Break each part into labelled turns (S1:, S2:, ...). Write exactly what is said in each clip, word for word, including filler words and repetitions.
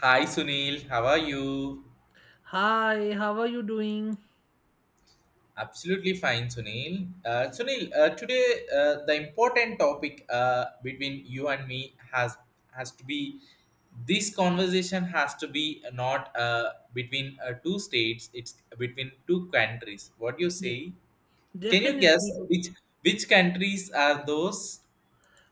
S1: Hi Sunil, how are you?
S2: Hi, how are you doing?
S1: Absolutely fine, Sunil. Uh, Sunil, uh, today uh, the important topic uh, between you and me has has to be this conversation has to be not uh, between uh, two states; it's between two countries. What do you
S2: Yeah,
S1: say? Can you guess
S2: Definitely,
S1: which which countries are those?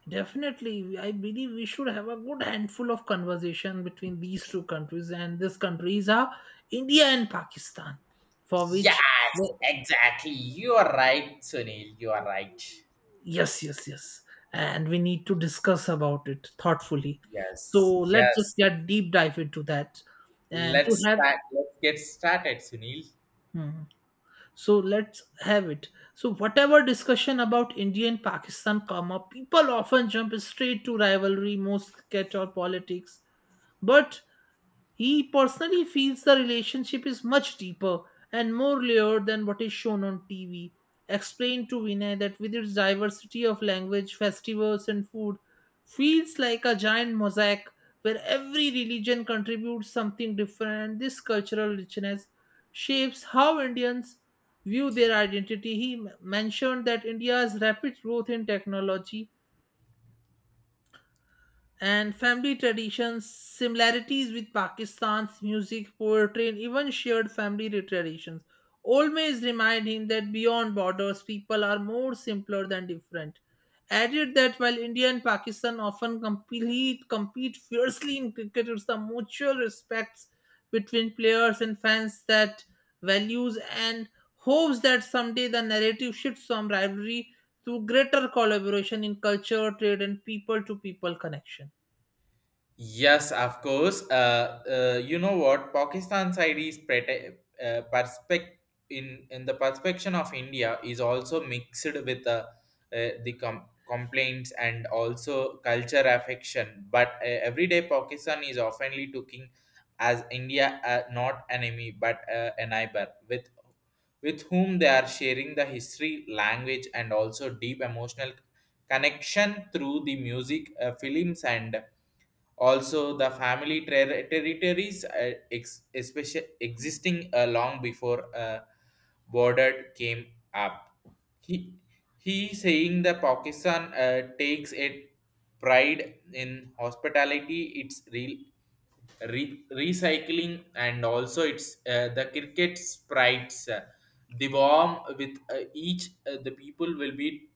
S2: definitely. I believe we should have a good handful of conversation between these two countries, and these countries are India and Pakistan, for which
S1: Yes,
S2: the-
S1: exactly. You are right, Sunil. You are right.
S2: yes, yes, yes, and we need to discuss about it thoughtfully. So
S1: Yes,
S2: let's just
S1: yes.
S2: get deep dive into that, and to
S1: Let's
S2: have.
S1: start. Let's get started, Sunil.
S2: Hmm. So let's have it. So whatever discussion about India and Pakistan come up, people often jump straight to rivalry, most cricket or politics. But he personally feels the relationship is much deeper and more layered than what is shown on T V. Explained to Vinay that with its diversity of language, festivals, and food, feels like a giant mosaic where every religion contributes something different, and this cultural richness shapes how Indians view their identity. He m- mentioned that India's rapid growth in technology and family traditions, similarities with Pakistan's music, poetry, and even shared family traditions. Always remind him that beyond borders, people are more simpler than different. Added that while India and Pakistan often compete, compete fiercely in cricket, it's the mutual respects between players and fans that values and hopes that someday the narrative shifts from rivalry to greater collaboration in culture, trade, and people to people connection.
S1: Yes, of course. Uh, uh, you know what? Pakistan side is prete- uh, perspec in in the perspective of India is also mixed with uh, uh, the com- complaints and also culture affection. But uh, everyday Pakistan is oftenly taking as India uh, not enemy but uh, a neighbor with with whom they are sharing the history, language, and also deep emotional connection through the music, uh, films, and also, the family ter- territories, uh, ex- especially existing uh, long before uh, border came up. He he saying that Pakistan uh, takes a pride in hospitality, its re- re- recycling, and also its uh, the cricket sprites. Uh, the warm with uh, each uh, the people will be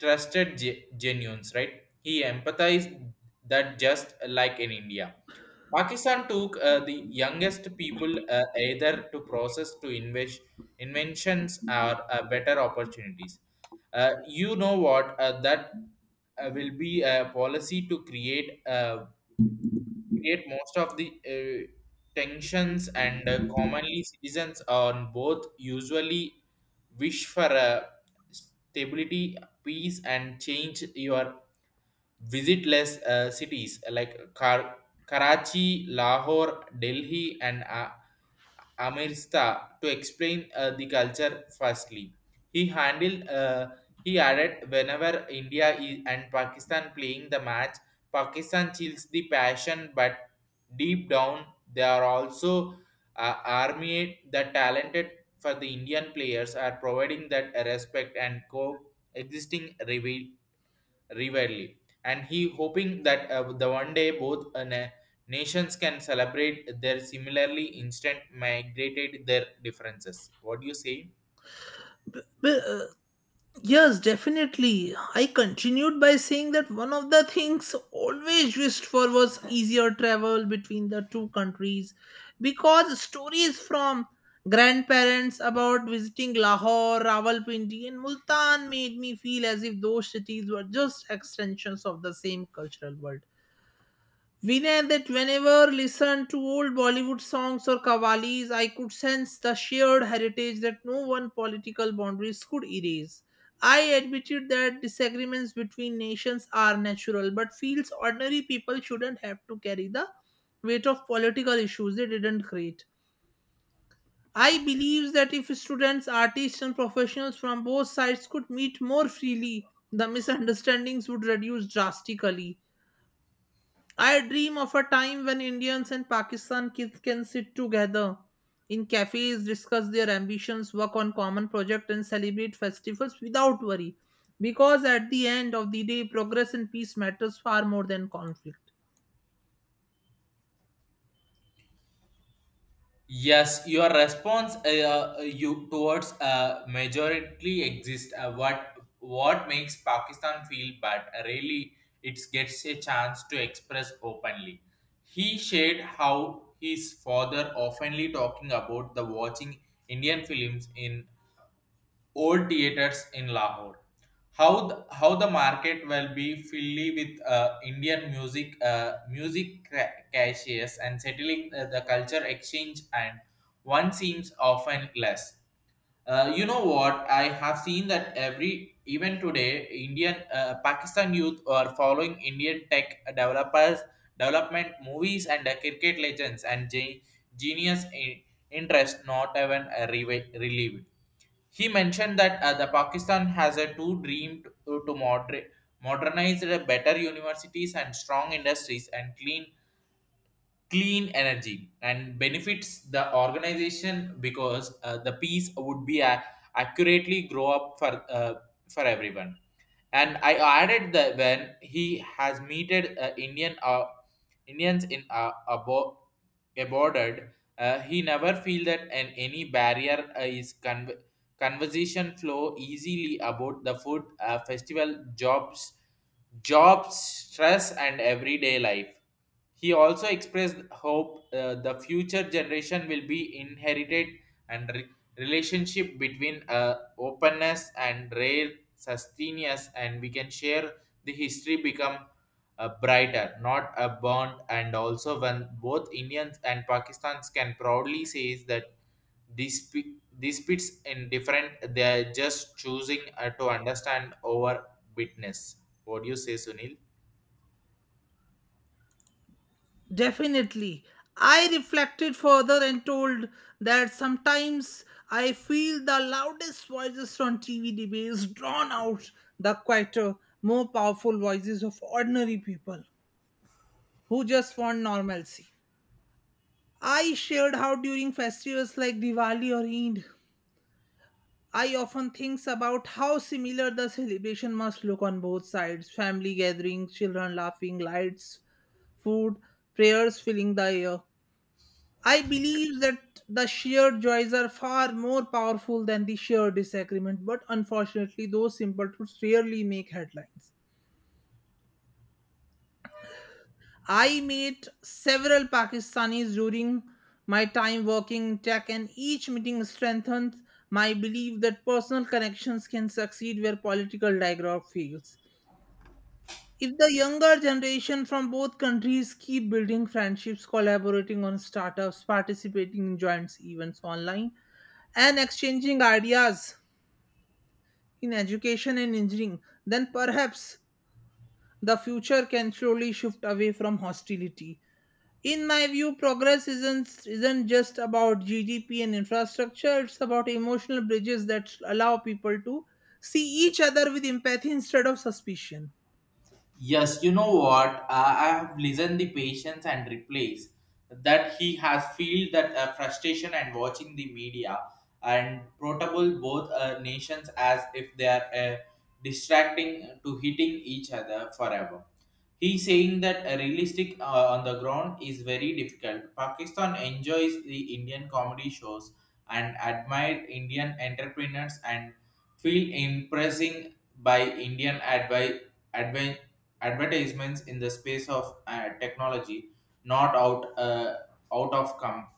S1: trusted ge- genuines, right? He empathized that just like in India. Pakistan took uh, the youngest people uh, either to process to invest inventions or uh, better opportunities. Uh, you know what? Uh, that uh, will be a policy to create uh, create most of the uh, tensions and uh, commonly citizens on both usually wish for a stability peace and change your visitless uh, cities like Kar- Karachi, Lahore, Delhi, and uh, Amirsta to explain uh, the culture firstly. He handled, uh, he added, whenever India i- and Pakistan playing the match, Pakistan chills the passion, but deep down they are also uh, army that talented for the Indian players are providing that respect and co-existing rival rivalry, and he hoping that uh, the one day both uh, na- nations can celebrate their similarly instant migrated their differences. What do you say?
S2: Well, uh, yes, definitely. I continued by saying that one of the things always wished for was easier travel between the two countries because stories from grandparents about visiting Lahore, Rawalpindi, and Multan made me feel as if those cities were just extensions of the same cultural world. We Vinay, that whenever listen to old Bollywood songs or kavalis, I could sense the shared heritage that no one political boundaries could erase. I admitted that disagreements between nations are natural, but feels ordinary people shouldn't have to carry the weight of political issues they didn't create. I believe that if students, artists, and professionals from both sides could meet more freely, the misunderstandings would reduce drastically. I dream of a time when Indians and Pakistan kids can sit together in cafes, discuss their ambitions, work on common projects, and celebrate festivals without worry. Because at the end of the day, progress and peace matters far more than conflict.
S1: Yes, your response uh, uh, you towards uh, majority exist. Uh, what what makes Pakistan feel bad? Uh, Really, it gets a chance to express openly. He shared how his father oftenly talking about the watching Indian films in old theaters in Lahore. How the, how the market will be filled with uh, Indian music, uh, music ca- cashiers, and settling uh, the culture exchange, and one seems often less. Uh, you know what? I have seen that every even today, Indian uh, Pakistan youth are following Indian tech developers, development movies, and uh, cricket legends and ge- genius in- interest not even uh, re- relieved. He mentioned that uh, the Pakistan has a two dream to, to moder- modernize the better universities and strong industries and clean clean energy and benefits the organization because uh, the peace would be a accurately grow up for uh, for everyone and I added that when he has meted uh, Indian uh, Indians in uh, abo- aborted, uh, he never feel that an, any barrier uh, is con- conversation flow easily about the food uh, festival jobs jobs stress and everyday life. He also expressed hope uh, the future generation will be inherited and re- relationship between uh, openness and rare sustenance, and we can share the history become uh, brighter not a bond, and also when both Indians and Pakistans can proudly say that these disputes in different they are just choosing uh, to understand over witness. What do you say, Sunil?
S2: Definitely. I reflected further and told that sometimes I feel the loudest voices on T V debates drown out the quieter, more powerful voices of ordinary people who just want normalcy. I shared how during festivals like Diwali or Eid, I often think about how similar the celebration must look on both sides family gatherings, children laughing, lights, food, prayers filling the air. I believe that the shared joys are far more powerful than the shared disagreement, but unfortunately, those simple truths rarely make headlines. I met several Pakistanis during my time working in tech, and each meeting strengthened my belief that personal connections can succeed where political dialogue fails. If the younger generation from both countries keep building friendships, collaborating on startups, participating in joint events online, and exchanging ideas in education and engineering, then perhaps the future can slowly shift away from hostility. In my view, progress isn't isn't just about gdp and infrastructure. It's about emotional bridges that allow people to see each other with empathy instead of suspicion.
S1: Yes, you know what? I I have listened the patience and replies that he has feel that uh, frustration and watching the media and protable both uh, nations as if they are uh, distracting to hitting each other forever. He saying that a realistic uh, on the ground is very difficult. Pakistan enjoys the Indian comedy shows and admire Indian entrepreneurs and feel impressing by Indian advice advan- advertisements in the space of uh, technology, not out uh, out of com-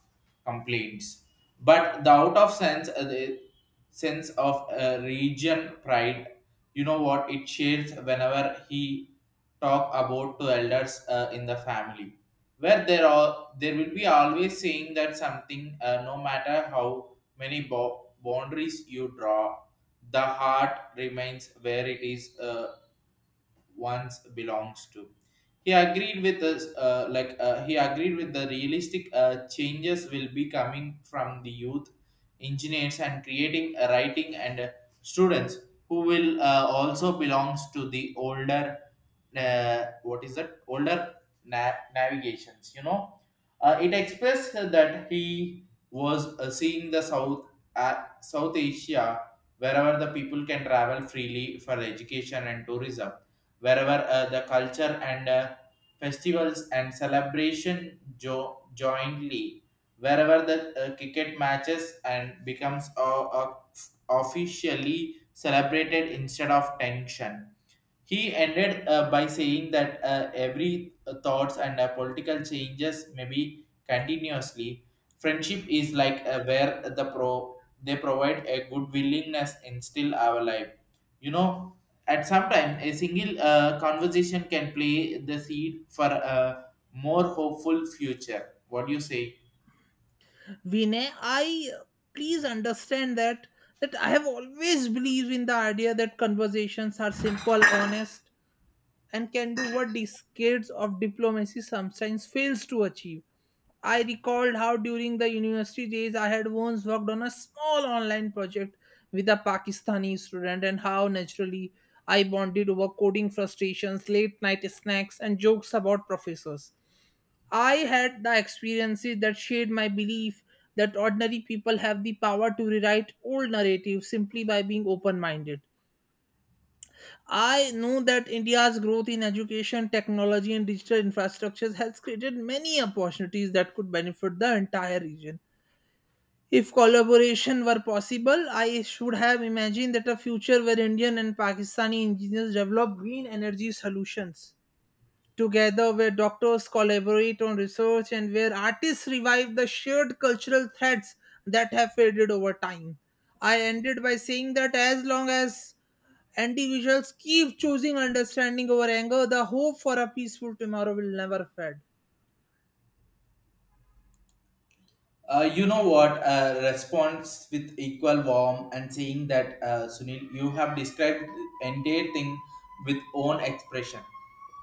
S1: complaints, but the out of sense uh, the sense of uh, region pride. You know what it shares whenever he talk about to elders uh, in the family, where there are there will be always saying that something uh, no matter how many bo- boundaries you draw the heart remains where it is uh, once belongs to. He agreed with us, uh, like uh, he agreed with the realistic uh, changes will be coming from the youth engineers and creating uh, writing and uh, students who will uh, also belongs to the older uh, what is that older na- navigations, you know. Uh, it expressed that he was uh, seeing the south uh, south asia wherever the people can travel freely for education and tourism, wherever uh, the culture and uh, festivals and celebration jo- jointly, wherever the uh, cricket matches and becomes uh, uh, officially celebrated instead of tension. He ended uh, by saying that uh, every uh, thoughts and uh, political changes may be continuously. Friendship is like uh, where the pro they provide a good willingness instill our life. You know, at some time a single uh, conversation can play the seed for a more hopeful future. What do you say?
S2: Vinay, I please understand that that I have always believed in the idea that conversations are simple, honest, and can do what these kids of diplomacy sometimes fails to achieve. I recalled how during the university days I had once worked on a small online project with a Pakistani student and how naturally I bonded over coding frustrations, late night snacks, and jokes about professors. I had the experiences that shaped my belief that ordinary people have the power to rewrite old narratives simply by being open minded. I know that India's growth in education, technology, and digital infrastructures has created many opportunities that could benefit the entire region. If collaboration were possible, I should have imagined that a future where Indian and Pakistani engineers develop green energy solutions together, where doctors collaborate on research and where artists revive the shared cultural threads that have faded over time. I ended by saying that as long as individuals keep choosing understanding over anger, the hope for a peaceful tomorrow will never fade.
S1: Uh, you know what? Uh, response with equal warmth and saying that uh, Sunil, you have described the entire thing with own expression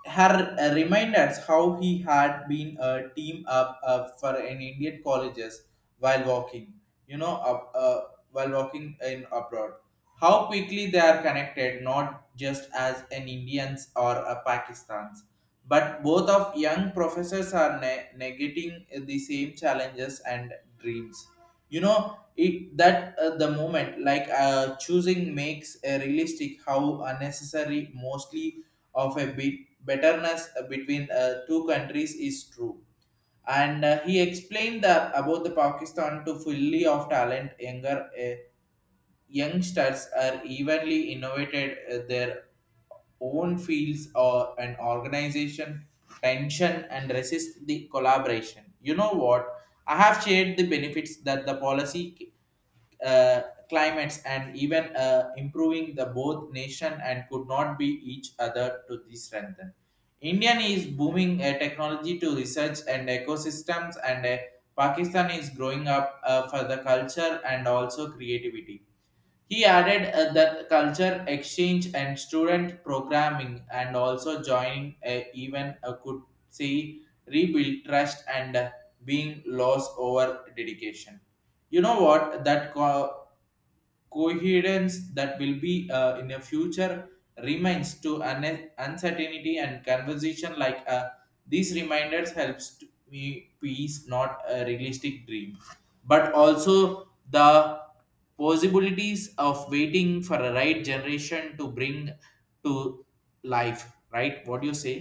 S1: her uh, reminders how he had been a team up uh, for an Indian colleges while walking, you know, up, uh, while walking in abroad. How quickly they are connected, not just as an Indians or a Pakistan's, but both of young professors are ne- negating the same challenges and dreams. You know, it, that uh, the moment like uh, choosing makes a realistic how unnecessary mostly of a bit betterness uh, between uh, two countries is true, and uh, he explained that about the Pakistan to fully of talent younger uh, youngsters are evenly innovated uh, their own fields or an organization tension and resist the collaboration. You know what, I have shared the benefits that the policy uh, climates and even uh, improving the both nation and could not be each other to this strengthen. Indian is booming uh, technology to research and ecosystems, and uh, Pakistan is growing up uh, for the culture and also creativity. He added uh, that culture exchange and student programming and also joining a, even a could see rebuild trust and uh, being lost over dedication. You know what that co- coherence that will be uh, in a future remains to an uncertainty, and conversation like uh, these reminders helps to me peace not a realistic dream but also the possibilities of waiting for a right generation to bring to life, right? What do you say?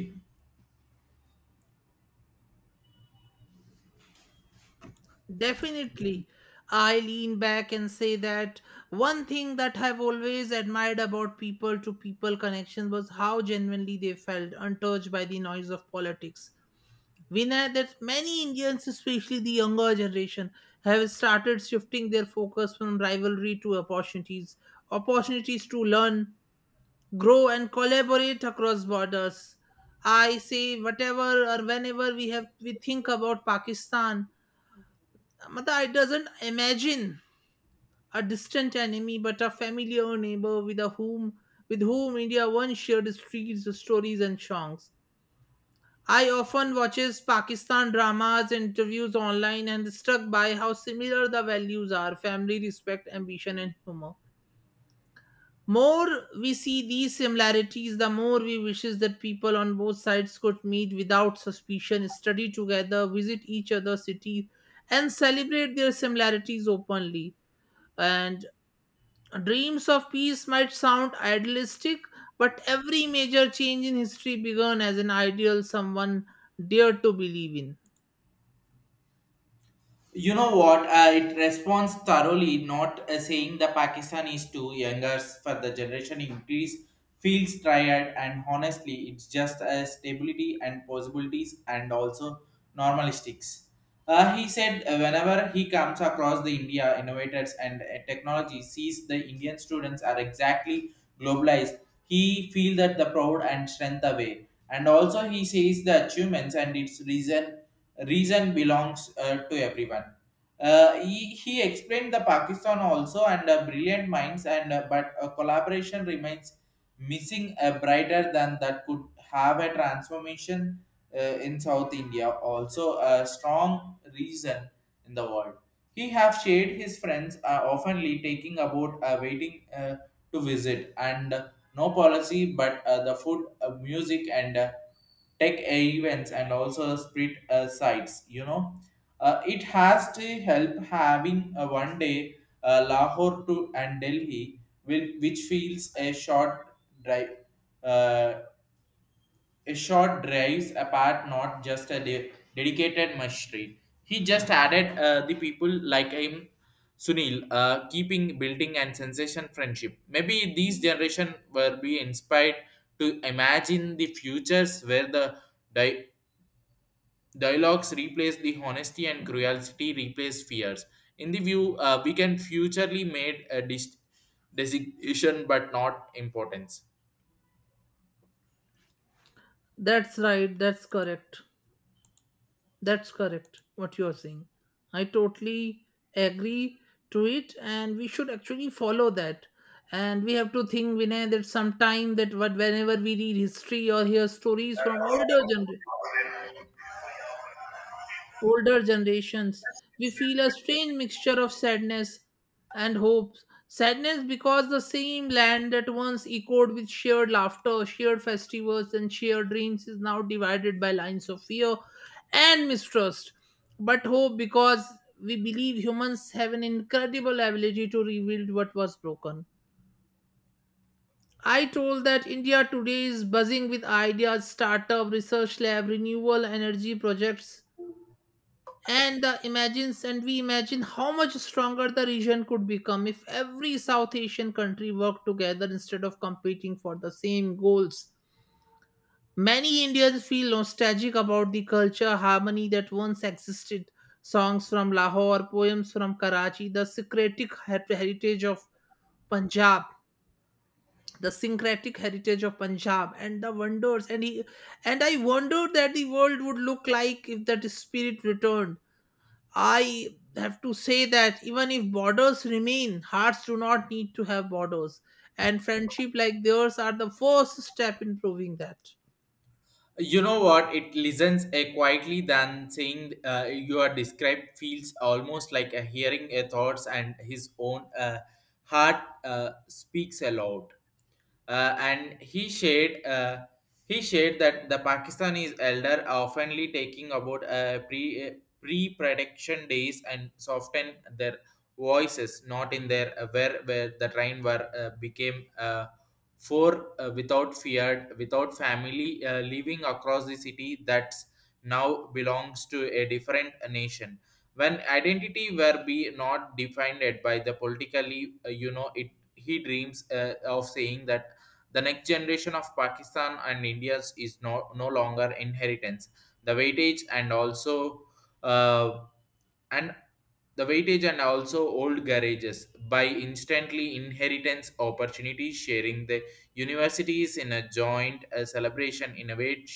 S2: Definitely. I lean back and say that one thing that I've always admired about people to people connection was how genuinely they felt, untouched by the noise of politics. We know that many Indians, especially the younger generation, have started shifting their focus from rivalry to opportunities, opportunities to learn, grow, and collaborate across borders. I say, whatever or whenever we have we think about Pakistan, Mata, I doesn't imagine a distant enemy, but a familiar neighbor with a whom with whom India once shared streets, stories, and songs. I often watches Pakistan dramas, interviews online, and struck by how similar the values are: family, respect, ambition, and humor. More we see these similarities, the more we wishes that people on both sides could meet without suspicion, study together, visit each other's cities, and celebrate their similarities openly. And dreams of peace might sound idealistic, but every major change in history began as an ideal someone dared to believe in.
S1: You know what? Uh, it responds thoroughly, not uh, saying the Pakistan is too younger for the generation increase feels tired and honestly, it's just a stability and possibilities and also normalistics. Uh, he said uh, whenever he comes across the India innovators and uh, technology sees the Indian students are exactly globalized, he feel that the proud and strength away. And also he says the achievements and its reason reason belongs uh, to everyone. Uh, he, he explained the Pakistan also and uh, brilliant minds and uh, but uh, collaboration remains missing uh, brighter than that could have a transformation uh, in South India also a strong reason in the world. He have shared his friends are oftenly taking about uh, waiting uh, to visit and no policy but uh, the food uh, music and uh, tech events and also street uh, sites, you know. Uh, it has to help having a one day uh, lahore to and delhi will, which feels a short drive uh, a short drives apart, not just a de- dedicated machine. He just added uh, the people like him, Sunil, uh, keeping building and sensation friendship. Maybe these generation were be inspired to imagine the futures where the di- dialogues replace the honesty and cruelty replace fears. In the view, uh, we can futurely made a dis- designation but not importance.
S2: That's right, that's correct. That's correct what you're saying. I totally agree to it, and we should actually follow that. And we have to think, Vinay, that sometime that what whenever we read history or hear stories from older generations older generations, we feel a strange mixture of sadness and hopes. Sadness because the same land that once echoed with shared laughter, shared festivals, and shared dreams is now divided by lines of fear and mistrust. But hope, because we believe humans have an incredible ability to rebuild what was broken. I told that India today is buzzing with ideas, startup, research lab, renewable energy projects, and the imagines, and we imagine how much stronger the region could become if every South Asian country worked together instead of competing for the same goals. Many Indians feel nostalgic about the culture harmony that once existed: songs from Lahore, poems from Karachi, the syncretic her- heritage of punjab the syncretic heritage of Punjab and the wonders, and he, and I wondered that the world would look like if that spirit returned. I have to say that even if borders remain, hearts do not need to have borders. And friendship like theirs are the first step in proving that.
S1: You know what? It listens uh, quietly than saying uh, you are described feels almost like a hearing a thoughts and his own uh, heart uh, speaks aloud uh, and he shared uh, he shared that the Pakistanis elder are oftenly taking about uh, pre uh, pre prediction days and soften their voices, not in their uh, where where the train were uh, became uh, for uh, without feared without family uh, living across the city that now belongs to a different nation when identity were be not defined by the politically, uh, you know it. He dreams uh, of saying that the next generation of Pakistan and India's is no, no longer inheritance. The weightage and also uh, and the weightage and also old garages by instantly inheritance opportunity sharing the universities in a joint uh, celebration innovate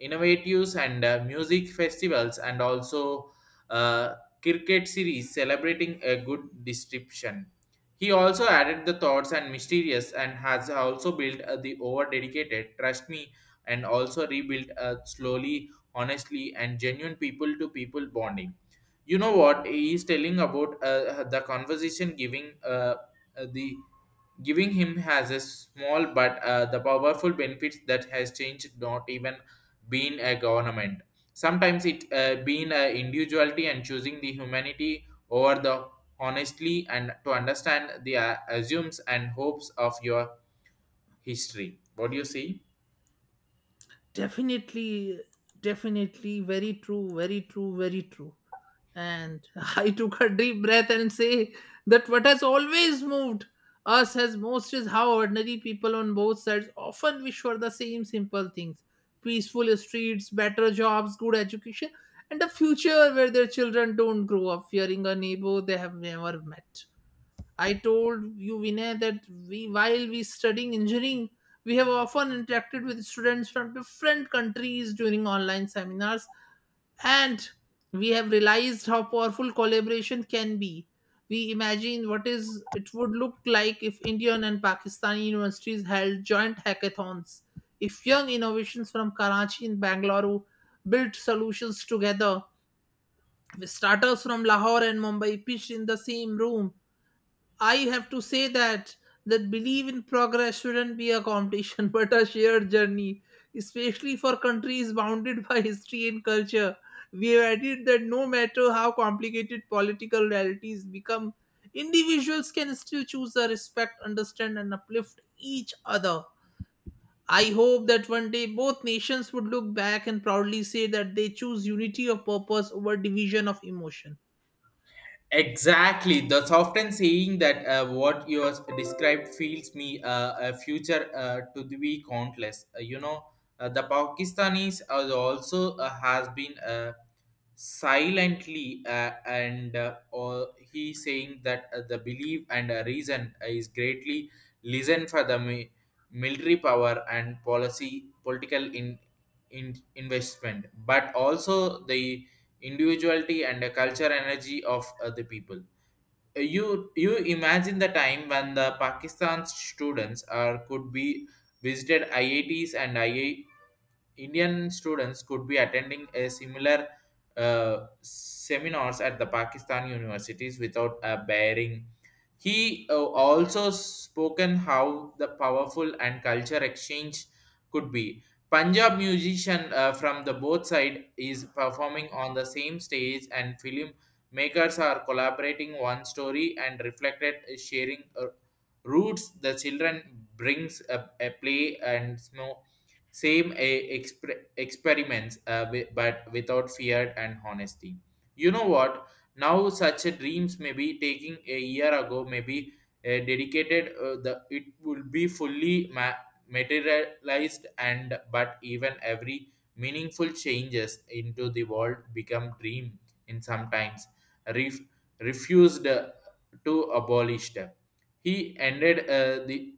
S1: innovatives and uh, music festivals and also uh, cricket series celebrating a good description. He also added the thoughts and mysterious and has also built uh, the over dedicated trust me, and also rebuilt uh, slowly, honestly and genuine people to people bonding. You know what he is telling about, uh, uh, the conversation giving, uh, uh, the giving him has a small but uh, the powerful benefits that has changed not even being a government. Sometimes it, uh, being a individuality and choosing the humanity over the honestly, and to understand the uh, assumes and hopes of your history. What do you see?
S2: Definitely, definitely, very true, very true, very true. And I took a deep breath and say that what has always moved us as most is how ordinary people on both sides often wish for the same simple things: peaceful streets, better jobs, good education, and a future where their children don't grow up fearing a neighbor they have never met. I told you, Vinay, that we while we studying engineering, we have often interacted with students from different countries during online seminars and we have realized how powerful collaboration can be. We imagine what is it would look like if Indian and Pakistani universities held joint hackathons, if young innovations from Karachi and Bangalore built solutions together, with startups from Lahore and Mumbai pitched in the same room. I have to say that that belief in progress shouldn't be a competition but a shared journey, especially for countries bounded by history and culture. We have added that no matter how complicated political realities become, individuals can still choose to respect, understand, and uplift each other. I hope that one day both nations would look back and proudly say that they choose unity of purpose over division of emotion.
S1: Exactly. That's often saying that uh, what you has described feels me uh, a future uh, to be countless. Uh, you know, uh, the Pakistanis are also uh, has been. Uh, silently uh, and uh, or he saying that uh, the belief and uh, reason is greatly listen for the mi- military power and policy political in, in investment, but also the individuality and the culture energy of uh, the people. Uh, you you imagine the time when the Pakistan students are could be visited I I Ts, and I I Indian students could be attending a similar uh, seminars at the Pakistan universities without a bearing. He uh, also spoken how the powerful and culture exchange could be. Punjab musician uh, from the both side is performing on the same stage, and film makers are collaborating one story and reflected uh, sharing uh, roots, the children brings a, a play and snow same a, exper- experiments uh, wi- but without fear and honesty. You know what, now such a dreams may be taking a year ago, maybe uh, dedicated uh, the it will be fully ma- materialized, and but even every meaningful changes into the world become dream in sometimes ref- refused uh, to abolished. He ended uh, the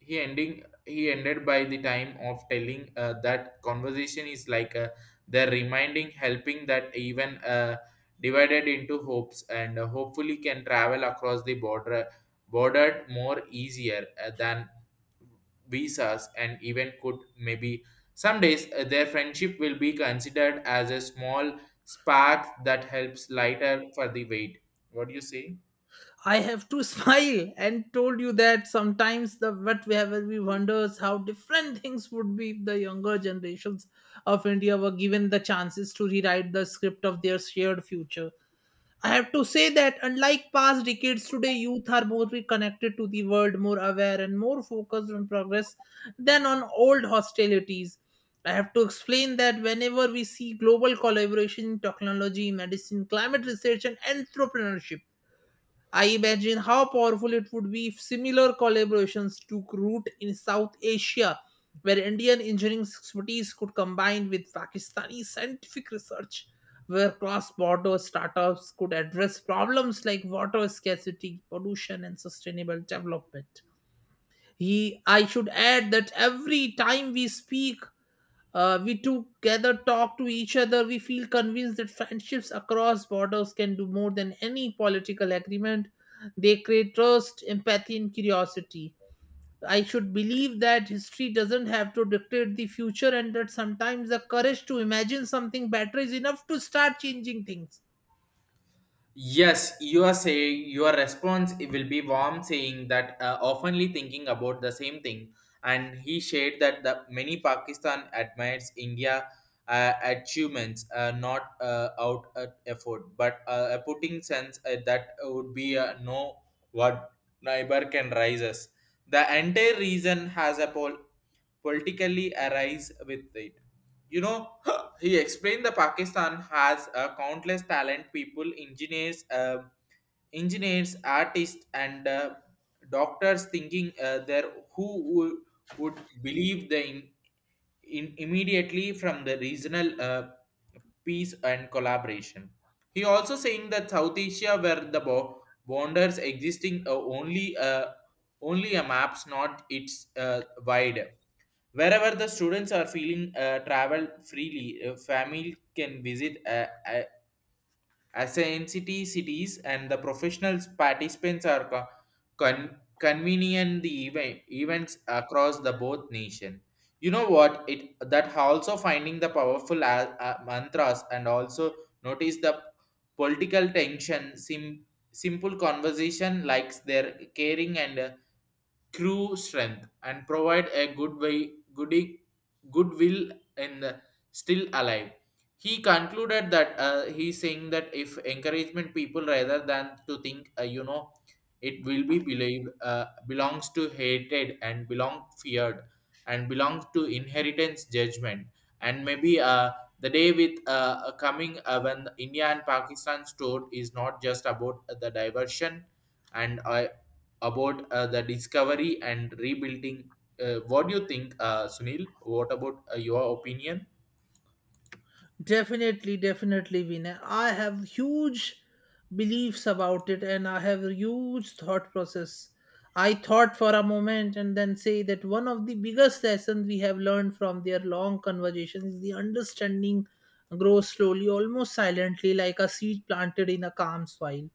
S1: he ending he ended by the time of telling uh, that conversation is like, uh, the reminding helping that even, uh, divided into hopes and, uh, hopefully can travel across the border bordered more easier uh, than visas, and even could, maybe some days, uh, their friendship will be considered as a small spark that helps lighter for the weight. What do you say?
S2: I have to smile and told you that sometimes the what we have we wonders how different things would be if the younger generations of India were given the chances to rewrite the script of their shared future. I have to say that unlike past decades, today youth are more connected to the world, more aware, and more focused on progress than on old hostilities. I have to explain that whenever we see global collaboration in technology, medicine, climate research, and entrepreneurship, I imagine how powerful it would be if similar collaborations took root in South Asia, where Indian engineering expertise could combine with Pakistani scientific research, where cross border startups could address problems like water scarcity, pollution, and sustainable development. He, I should add that every time we speak, uh, we together talk to each other. We feel convinced that friendships across borders can do more than any political agreement. They create trust, empathy, and curiosity. I should believe that history doesn't have to dictate the future, and that sometimes the courage to imagine something better is enough to start changing things.
S1: Yes, you are saying your response it will be warm, saying that uh, oftenly thinking about the same thing. And he shared that the many Pakistan admires India uh, achievements, uh, not uh, out uh, effort, but uh, a putting sense uh, that would be uh, no what neighbor can rise us. The entire reason has a pol- politically arise with it, you know. He explained that Pakistan has uh, countless talent people engineers, uh, engineers, artists and uh, doctors thinking uh, there who would, would believe the in, in immediately from the regional uh, peace and collaboration. He also saying that South Asia, where the bo- borders existing, uh, only uh, only a maps, not its uh, wide. Wherever the students are feeling uh, travel freely, uh, family can visit, uh, uh, ascendant cities, and the professionals participants are co- con- convening the event, events across the both nation. You know what? It that also finding the powerful uh, uh, mantras, and also notice the political tension. Sim- simple conversation likes their caring and uh, crew strength and provide a good way goody goodwill and uh, still alive. He concluded that uh, he's saying that if encouragement people rather than to think, uh, you know, it will be believed, uh, belongs to hated and belong feared and belongs to inheritance judgment, and maybe uh, the day with uh, uh, coming uh, when India and Pakistan stored is not just about the diversion and uh, about uh, the discovery and rebuilding. Uh, what do you think, uh, Sunil? What about uh, your opinion?
S2: Definitely, definitely, Vinay. I have huge beliefs about it, and I have a huge thought process. I thought for a moment and then say that one of the biggest lessons we have learned from their long conversation is the understanding grows slowly, almost silently, like a seed planted in a calm soil.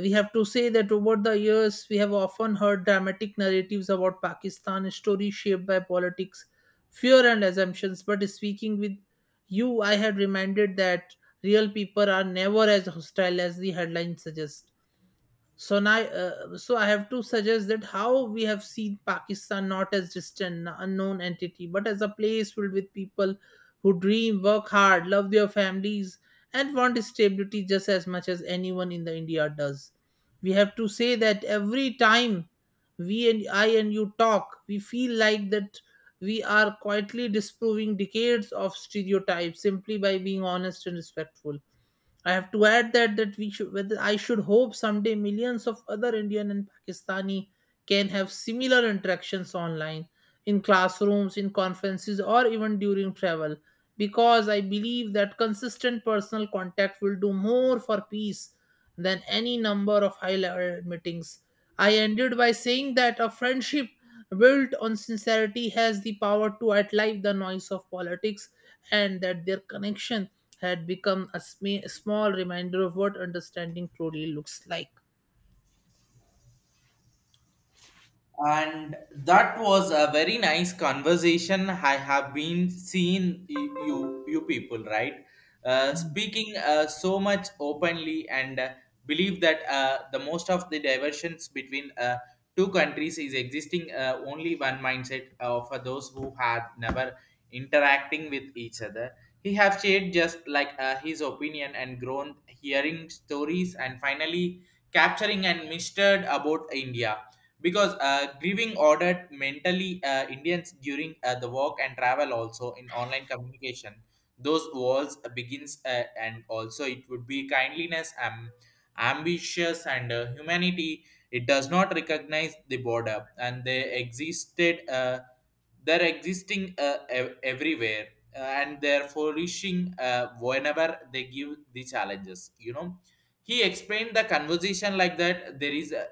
S2: We have to say that over the years, we have often heard dramatic narratives about Pakistan, stories shaped by politics, fear, and assumptions. But speaking with you, I had reminded that real people are never as hostile as the headlines suggest. So now, uh, so I have to suggest that how we have seen Pakistan not as distant, unknown entity, but as a place filled with people who dream, work hard, love their families, and want stability just as much as anyone in the India does. We have to say that every time we and I and you talk, we feel like that we are quietly disproving decades of stereotypes simply by being honest and respectful. I have to add that that we should, whether I should, hope someday millions of other Indian and Pakistani can have similar interactions online, in classrooms, in conferences, or even during travel, because I believe that consistent personal contact will do more for peace than any number of high level meetings. I ended by saying that a friendship built on sincerity has the power to outlive the noise of politics, and that their connection had become a sm- small reminder of what understanding truly looks like.
S1: And that was a very nice conversation. I have been seeing y- you, you people, right? Uh, speaking uh, so much openly, and uh, believe that uh, the most of the diversions between uh, two countries is existing uh, only one mindset uh, for those who had never interacting with each other. He have shared just like uh, his opinion and grown hearing stories, and finally capturing and mistered about India, because uh, grieving ordered mentally uh, Indians during uh, the work and travel, also in online communication. Those walls uh, begins, uh, and also it would be kindliness, um, ambitious and uh, humanity. It does not recognize the border and they existed. Uh, they're existing uh, ev- everywhere uh, and they're flourishing uh, whenever they give the challenges. You know, he explained the conversation like that. There is, uh,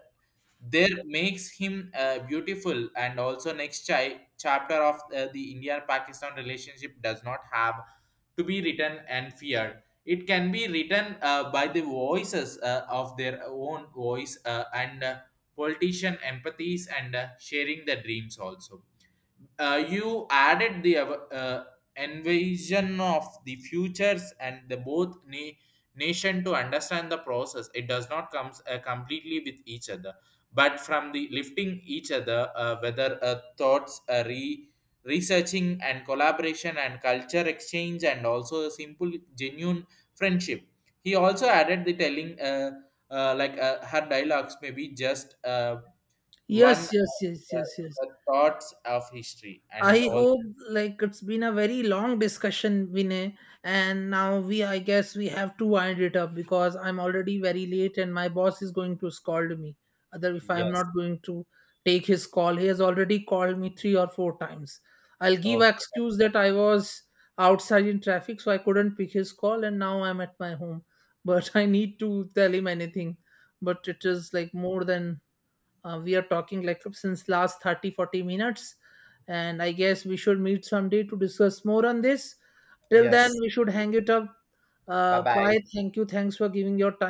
S1: there makes him uh, beautiful, and also next chi- chapter of uh, the India Pakistan relationship does not have to be written and feared. It can be written uh, by the voices uh, of their own voice, uh, and uh, politician empathies and uh, sharing the dreams also. Uh, you added the uh, invasion of the futures and the both na- nation to understand the process, it does not comes uh, completely with each other, but from the lifting each other, uh, whether uh, thoughts, uh, re researching and collaboration and culture exchange, and also a simple genuine friendship. He also added the telling, uh, uh, like uh, her dialogues may be just, uh,
S2: Yes,
S1: one,
S2: yes, yes,
S1: uh,
S2: yes, yes.
S1: the thoughts of history and
S2: I
S1: also
S2: hope, like, it's been a very long discussion, Vinay, and now we I guess we have to wind it up because I'm already very late and my boss is going to scold me. Other if I am
S1: yes.
S2: not going to take his call, he has already called me three or four times. I'll give
S1: Oh,
S2: an excuse that I was outside in traffic, so I couldn't pick his call, and now I'm at my home. But I need to tell him anything. But it is like more than uh, we are talking like since last thirty forty minutes, and I guess we should meet someday to discuss more on this. Till then
S1: yes.
S2: we should hang it up.
S1: Bye
S2: Uh,
S1: bye.
S2: bye. Thank you. Thanks for giving your time.